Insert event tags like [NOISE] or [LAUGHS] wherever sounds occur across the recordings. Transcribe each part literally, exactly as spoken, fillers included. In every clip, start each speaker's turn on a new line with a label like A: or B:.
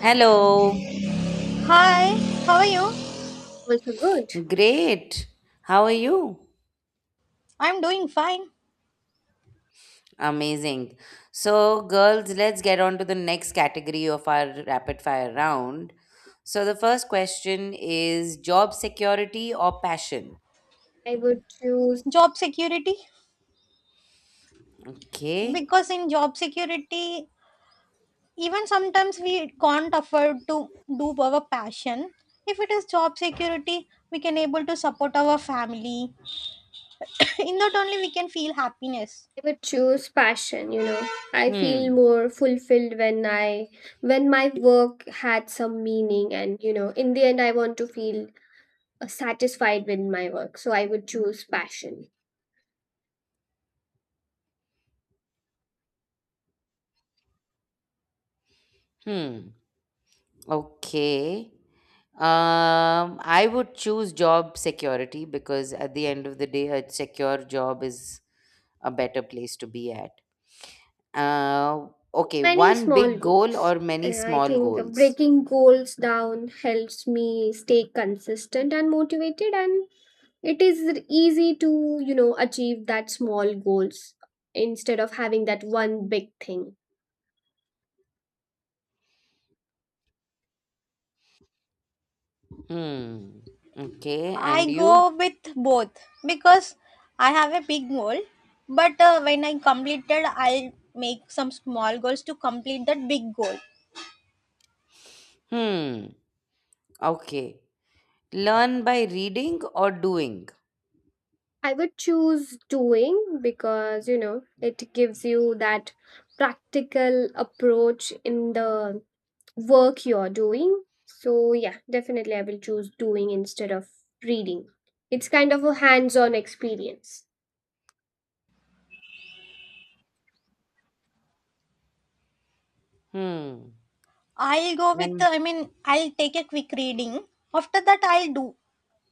A: Hello.
B: Hi, how are you?
C: Also good.
A: Great. How are you?
B: I'm doing fine.
A: Amazing. So, girls, let's get on to the next category of our rapid fire round. So, the first question is job security or passion?
C: I would choose
B: Job security.
A: Okay.
B: Because in job security, even sometimes we can't afford to do our passion. If it is job security, we can able to support our family. [LAUGHS] in that only we can feel happiness.
C: I would choose passion. you know. I feel
A: Hmm.
C: more fulfilled when I when my work had some meaning and, you know, in the end I want to feel uh, satisfied with my work. So I would choose passion.
A: Hmm. Okay. Um, I would choose job security because at the end of the day, a secure job is a better place to be at. Uh, okay.
C: Many
A: One
C: small
A: big goal
C: goals.
A: or many
C: Uh, I
A: small
C: think
A: goals?
C: breaking goals down helps me stay consistent and motivated, and it is easy to you know achieve that small goals instead of having that one big thing.
A: Hmm. Okay. And
B: I
A: you?
B: go with both because I have a big goal. But uh, when I completed, I'll make some small goals to complete that big goal.
A: Hmm. Okay. Learn by reading or doing?
C: I would choose doing because you know it gives you that practical approach in the work you're doing. So, yeah, definitely I will choose doing instead of reading. It's kind of a hands on experience.
A: Hmm.
B: I'll go with,
A: And
B: I mean, I'll take a quick reading. After that, I'll do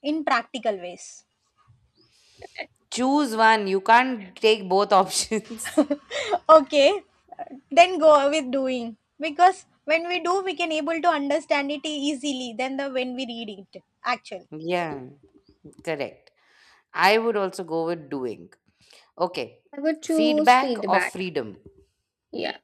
B: in practical ways.
A: choose one. You can't take both [LAUGHS] options.
B: Okay, then go with doing because when we do, we can able to understand it easily than the when we read it. Actually,
A: Yeah. Correct. I would also go with doing. Okay.
C: I would choose
A: Feedback or
C: feedback.
A: freedom?
C: Yeah,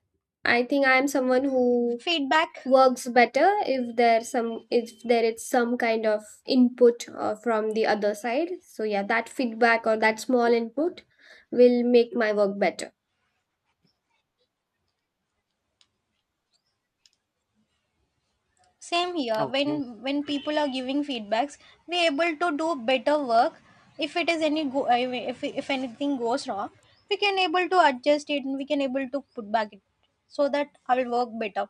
C: I think I'm someone who
B: feedback
C: works better if there's some if there is some kind of input uh, from the other side. So yeah, that feedback or that small input will make my work better.
B: same here.
A: Okay.
B: When when people are giving feedbacks, we able to do better work. If it is any go, I mean, if if anything goes wrong, we can able to adjust it and we can able to put back it so that I will work better.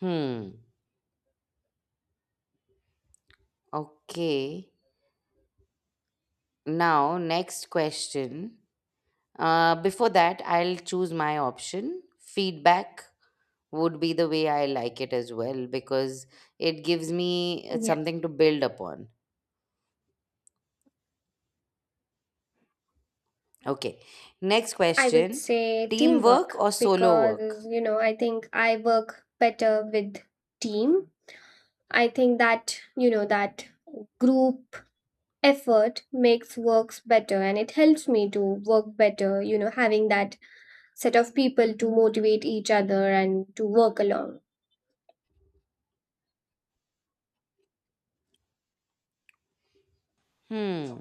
A: Hmm. Okay. Now, next question. Uh, before that, I'll choose my option feedback would be the way I like it as well because it gives me uh,
C: Yeah,
A: something to build upon. Okay. Next
C: I would
A: question,
C: say teamwork
A: teamwork or solo
C: because
A: work?
C: you know I think I work better with team. I think that, you know, that group effort makes works better and it helps me to work better, you know, having that set of people to motivate each other and to work along.
A: Hmm.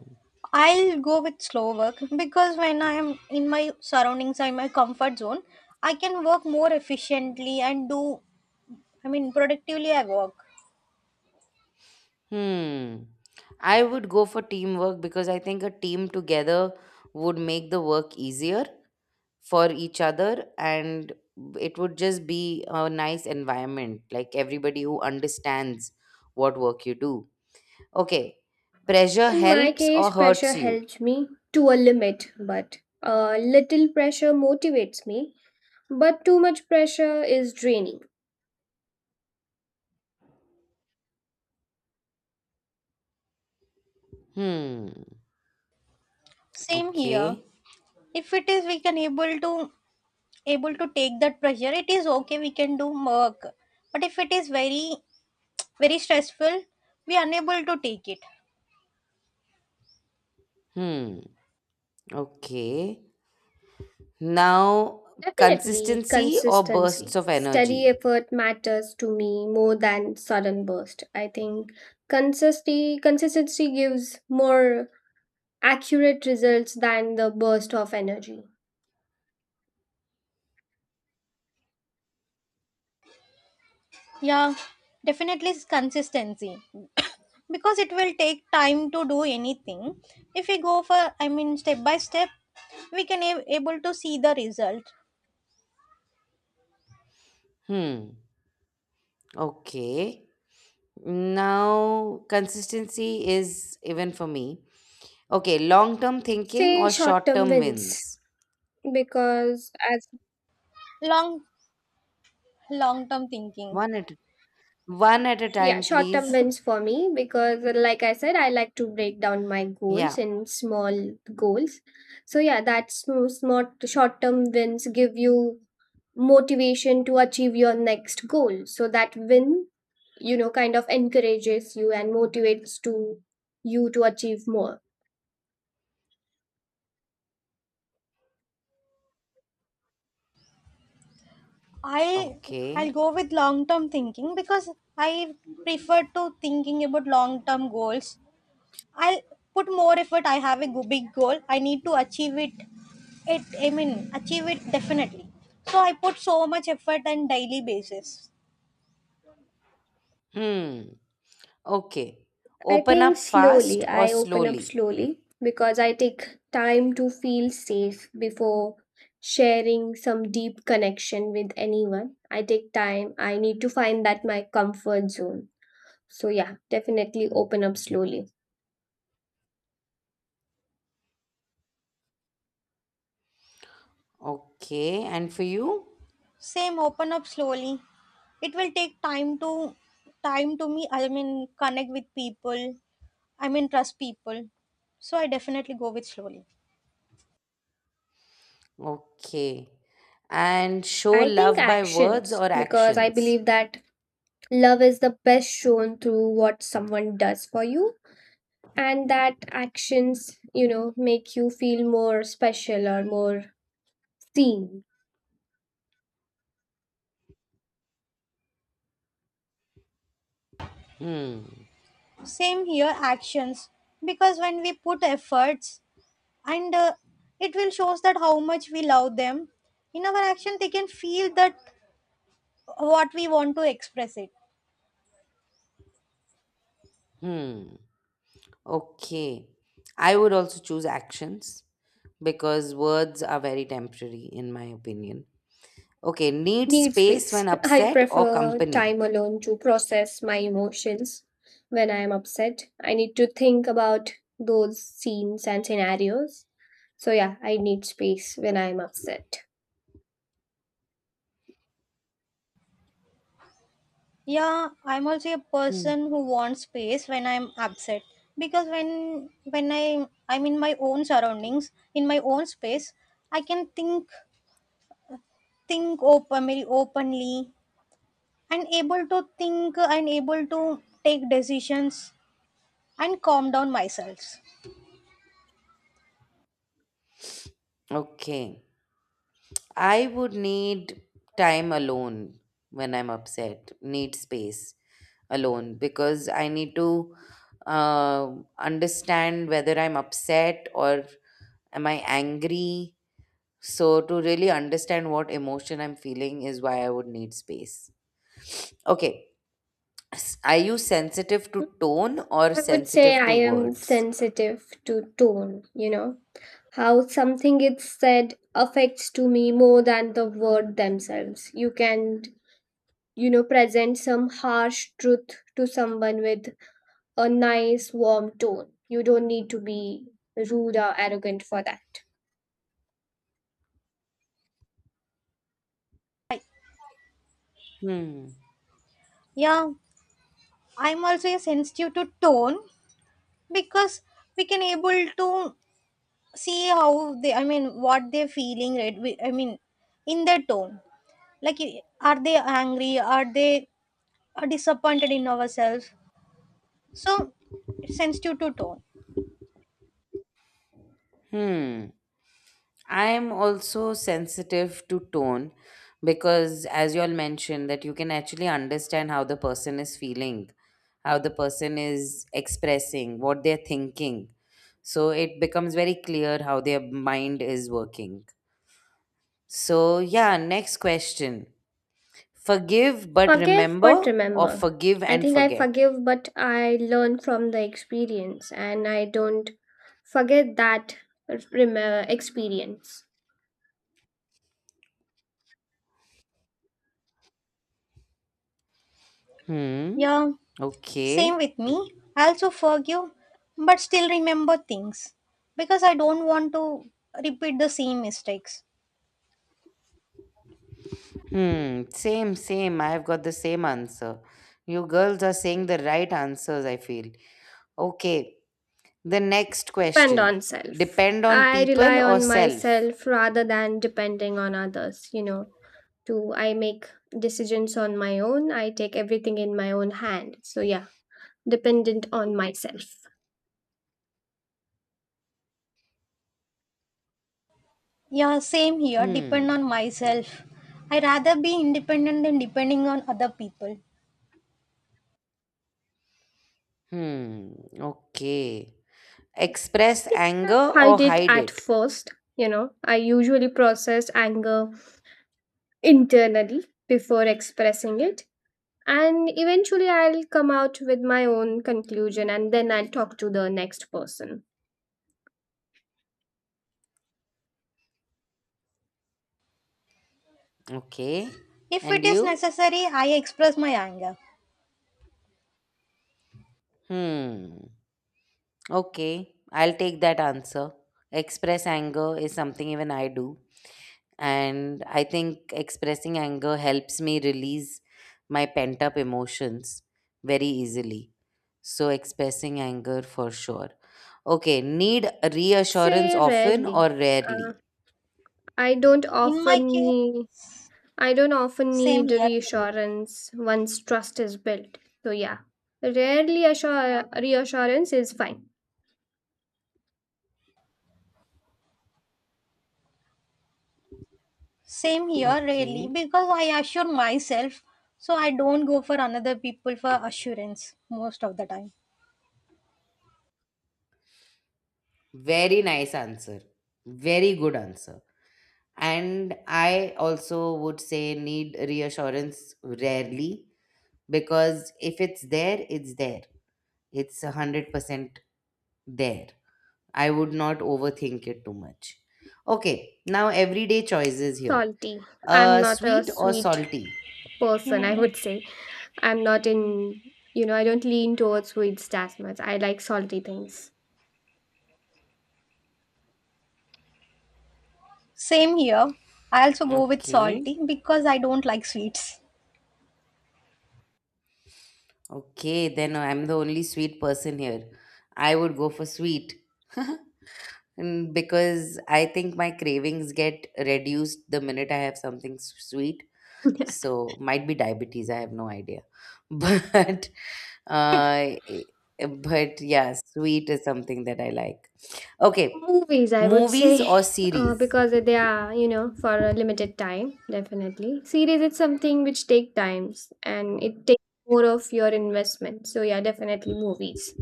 B: I'll go with slow work because when I am in my surroundings, I'm in my comfort zone, I can work more efficiently and do, I mean, productively. I work.
A: Hmm. I would go for teamwork because I think a team together would make the work easier for each other and it would just be a nice environment like everybody who understands what work you do. Okay. Pressure
C: In my
A: helps or
C: case, pressure
A: hurts you?
C: helps me to a limit. But a little pressure motivates me, but too much pressure is draining.
A: Hmm.
B: Same here.
A: Okay.
B: If it is, we can able to able to take that pressure. It is okay. We can do work, but if it is very very stressful, we are unable to take it.
A: Hmm. Okay. Now,
C: Definitely
A: consistency or bursts
C: consistency.
A: of
C: Steady
A: energy?
C: effort matters to me more than sudden burst. I think consistency consistency gives more accurate results than the burst of energy.
B: Yeah, definitely it's consistency. [COUGHS] because it will take time to do anything. If we go for, I mean, step by step, we can a- able to see the result.
A: Hmm. Okay. Now, consistency is even for me. Okay. Long term thinking
C: Say
A: or
C: short
A: short
C: term
A: term
C: wins
A: wins?
C: because as
B: Long, long term thinking.
A: One at, one at a
C: yeah,
A: time,
C: short term
A: please.
C: wins for me because like I said, I like to break down my
A: Yeah.
C: goals in small goals. So yeah, that's small short term wins give you motivation to achieve your next goal. So that win, you know kind of encourages you and motivates to you to achieve more.
B: I I'll
A: Okay.
B: go with long term thinking because I prefer to thinking about long term goals. I'll put more effort. I have a go- big goal. I need to achieve it. It I mean achieve it definitely. So I put so much effort on daily basis.
A: Hmm. Okay.
C: I
A: Open
C: think
A: up
C: slowly.
A: fast or
C: I open up
A: slowly?
C: slowly because I take time to feel safe before sharing some deep connection with anyone. I take time, I need to find that my comfort zone. So yeah, definitely open up slowly.
A: Okay. And for you?
B: Same, open up slowly. It will take time to time to me. I mean, connect with people. I mean, trust people. So I definitely go with slowly.
A: Okay. And show
C: I think
A: love by words
C: actions,
A: or
C: because I
A: actions.
C: believe that love is the best shown through what someone does for you, and that actions, you know, make you feel more special or more seen.
A: Hmm.
B: Same here, actions. Because when we put efforts, and uh, it will shows that how much we love them. In our action, they can feel that what we want to express it.
A: Hmm. Okay. I would also choose actions because words are very temporary, in my opinion. Okay. Need
C: Need
A: space
C: space.
A: when
C: [LAUGHS] I
A: upset or
C: prefer
A: company.
C: time alone to process my emotions when I am upset. I need to think about those scenes and scenarios. So, yeah, I need space when I am upset.
B: Yeah, I'm also a
A: Hmm.
B: person who wants space when I'm upset because when when I I'm in my own surroundings, in my own space, I can think think open very openly and able to think and able to take decisions and calm down myself.
A: Okay. I would need time alone when I'm upset, need space alone because I need to uh, understand whether I'm upset or am I angry? So, to really understand what emotion I'm feeling is why I would need space. Okay. S- Are you sensitive to tone or
C: I would say
A: sensitive
C: I
A: to
C: am
A: words?
C: sensitive to tone. You know, how something is said affects to me more than the word themselves. You can, you know, present some harsh truth to someone with a nice, warm tone. You don't need to be rude or arrogant for that.
B: I-
A: Hmm.
B: Yeah, I'm also a sensitive to tone because we can able to see how they I mean what they're feeling right we, I mean in their tone like i- are they angry are they are disappointed in ourselves so it sends you to tone.
A: Hmm. I'm also sensitive to tone because, as you all mentioned, that you can actually understand how the person is feeling, how the person is expressing, what they're thinking. So, it becomes very clear how their mind is working. So, yeah, next question. Forgive but
C: Forgive,
A: remember
C: but
A: or
C: remember.
A: forgive
C: I
A: and
C: think I
A: forget?
C: forgive, but I learn from the experience and I don't forget that remember experience.
A: Hmm.
B: Yeah, same
A: Okay.
B: with me, I also forgive but still remember things because I don't want to repeat the same mistakes.
A: Hmm. Same, same. I've got the same answer. You girls are saying the right answers, I feel. Okay. The next
C: Depend
A: question.
C: on self.
A: Depend on
C: I rely
A: people or
C: on
A: self?
C: myself rather than depending on others. you know. To I make decisions on my own, I take everything in my own hand. So yeah, dependent on myself.
B: Yeah, same here, depend
A: Hmm.
B: on myself. I rather be independent than depending on other people.
A: Hmm. Okay. Express
C: I
A: anger or
C: hide it
A: hide
C: at
A: it?
C: first. you know. I usually process anger internally before expressing it. And eventually I'll come out with my own conclusion and then I'll talk to the next person.
A: Okay.
B: If
A: And
B: it is
A: you?
B: necessary I express my anger.
A: Hmm. Okay, I'll take that answer. Express anger is something even I do. And I think expressing anger helps me release my pent up emotions very easily. So, expressing anger for sure. Okay, need
C: I'd
A: reassurance
C: say
A: often
C: rarely.
A: or
C: Uh,
A: rarely?
C: I don't
B: In my
C: often
B: case
C: need, I don't often
B: same
C: need
B: here really.
C: reassurance once trust is built. So yeah, rarely assure, reassurance is fine.
B: Same here, really,
A: Okay,
B: because I assure myself, so I don't go for another people for assurance most of the time.
A: very nice answer. Very good answer. And I also would say need reassurance rarely because if it's there, it's there. It's a one hundred percent there. I would not overthink it too much. Okay, now everyday choices here.
C: Salty. I'm
A: Uh,
C: not a
A: sweet or
C: sweet
A: salty?
C: person, I
B: Hmm.
C: would say. I'm not in, you know, I don't lean towards sweets as much. I like salty things.
B: Same here. I also go with
A: Okay,
B: salty because I don't like sweets.
A: okay, then I'm the only sweet person here. I would go for sweet. [LAUGHS] Mm, because I think my cravings get reduced the minute I have something s- sweet.
C: [LAUGHS]
A: So might be diabetes. I have no idea, [LAUGHS] but uh, i- but yeah, sweet is something that I like. Okay,
C: Movies, I would
A: movies
C: say,
A: or
C: [LAUGHS] uh,
A: series?
C: because they are, you know, for a limited time, definitely. Series is something which take times and it takes more of your investment. So yeah, definitely movies.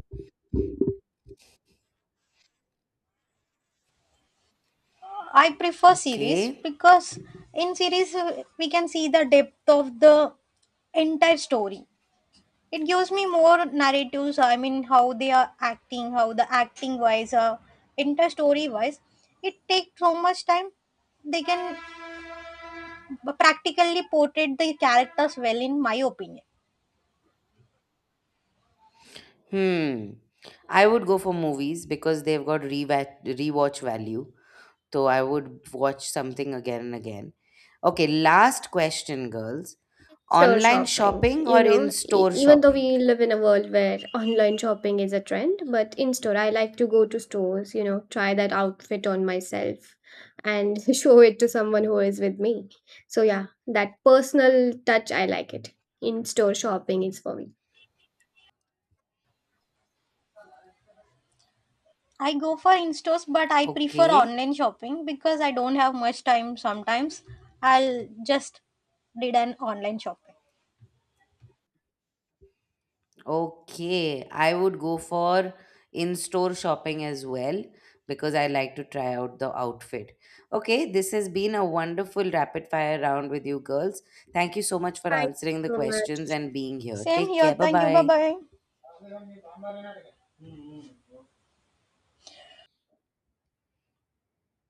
B: I prefer series
A: Okay.
B: because in series uh, we can see the depth of the entire story. It gives me more narratives. I mean, how they are acting, how the acting wise, uh, entire story wise. It takes so much time. They can but practically portrayed the characters well in my opinion.
A: Hmm. I would go for movies because they've got rewatch, rewatch value. So I would watch something again and again. Okay, last question, girls.
C: Store
A: Online
C: shopping.
A: shopping or
C: You
A: in
C: know, e-
A: store
C: even though
A: shopping?
C: we live in a world where online shopping is a trend, but in store, I like to go to stores, you know, try that outfit on myself and [LAUGHS] show it to someone who is with me. So yeah, that personal touch, I like it. In store shopping is for me.
B: I go for in-stores but I prefer
A: Okay.
B: online shopping because I don't have much time sometimes. I'll just did an online shopping.
A: Okay, I would go for in-store shopping as well because I like to try out the outfit. Okay, this has been a wonderful rapid fire round with you girls. Thank you so much for
C: Thank
A: answering the
C: you so
A: questions
C: much.
A: and being here.
B: Same
A: Take
B: here.
A: care.
B: Thank you. Bye
A: Bye-bye.
B: bye.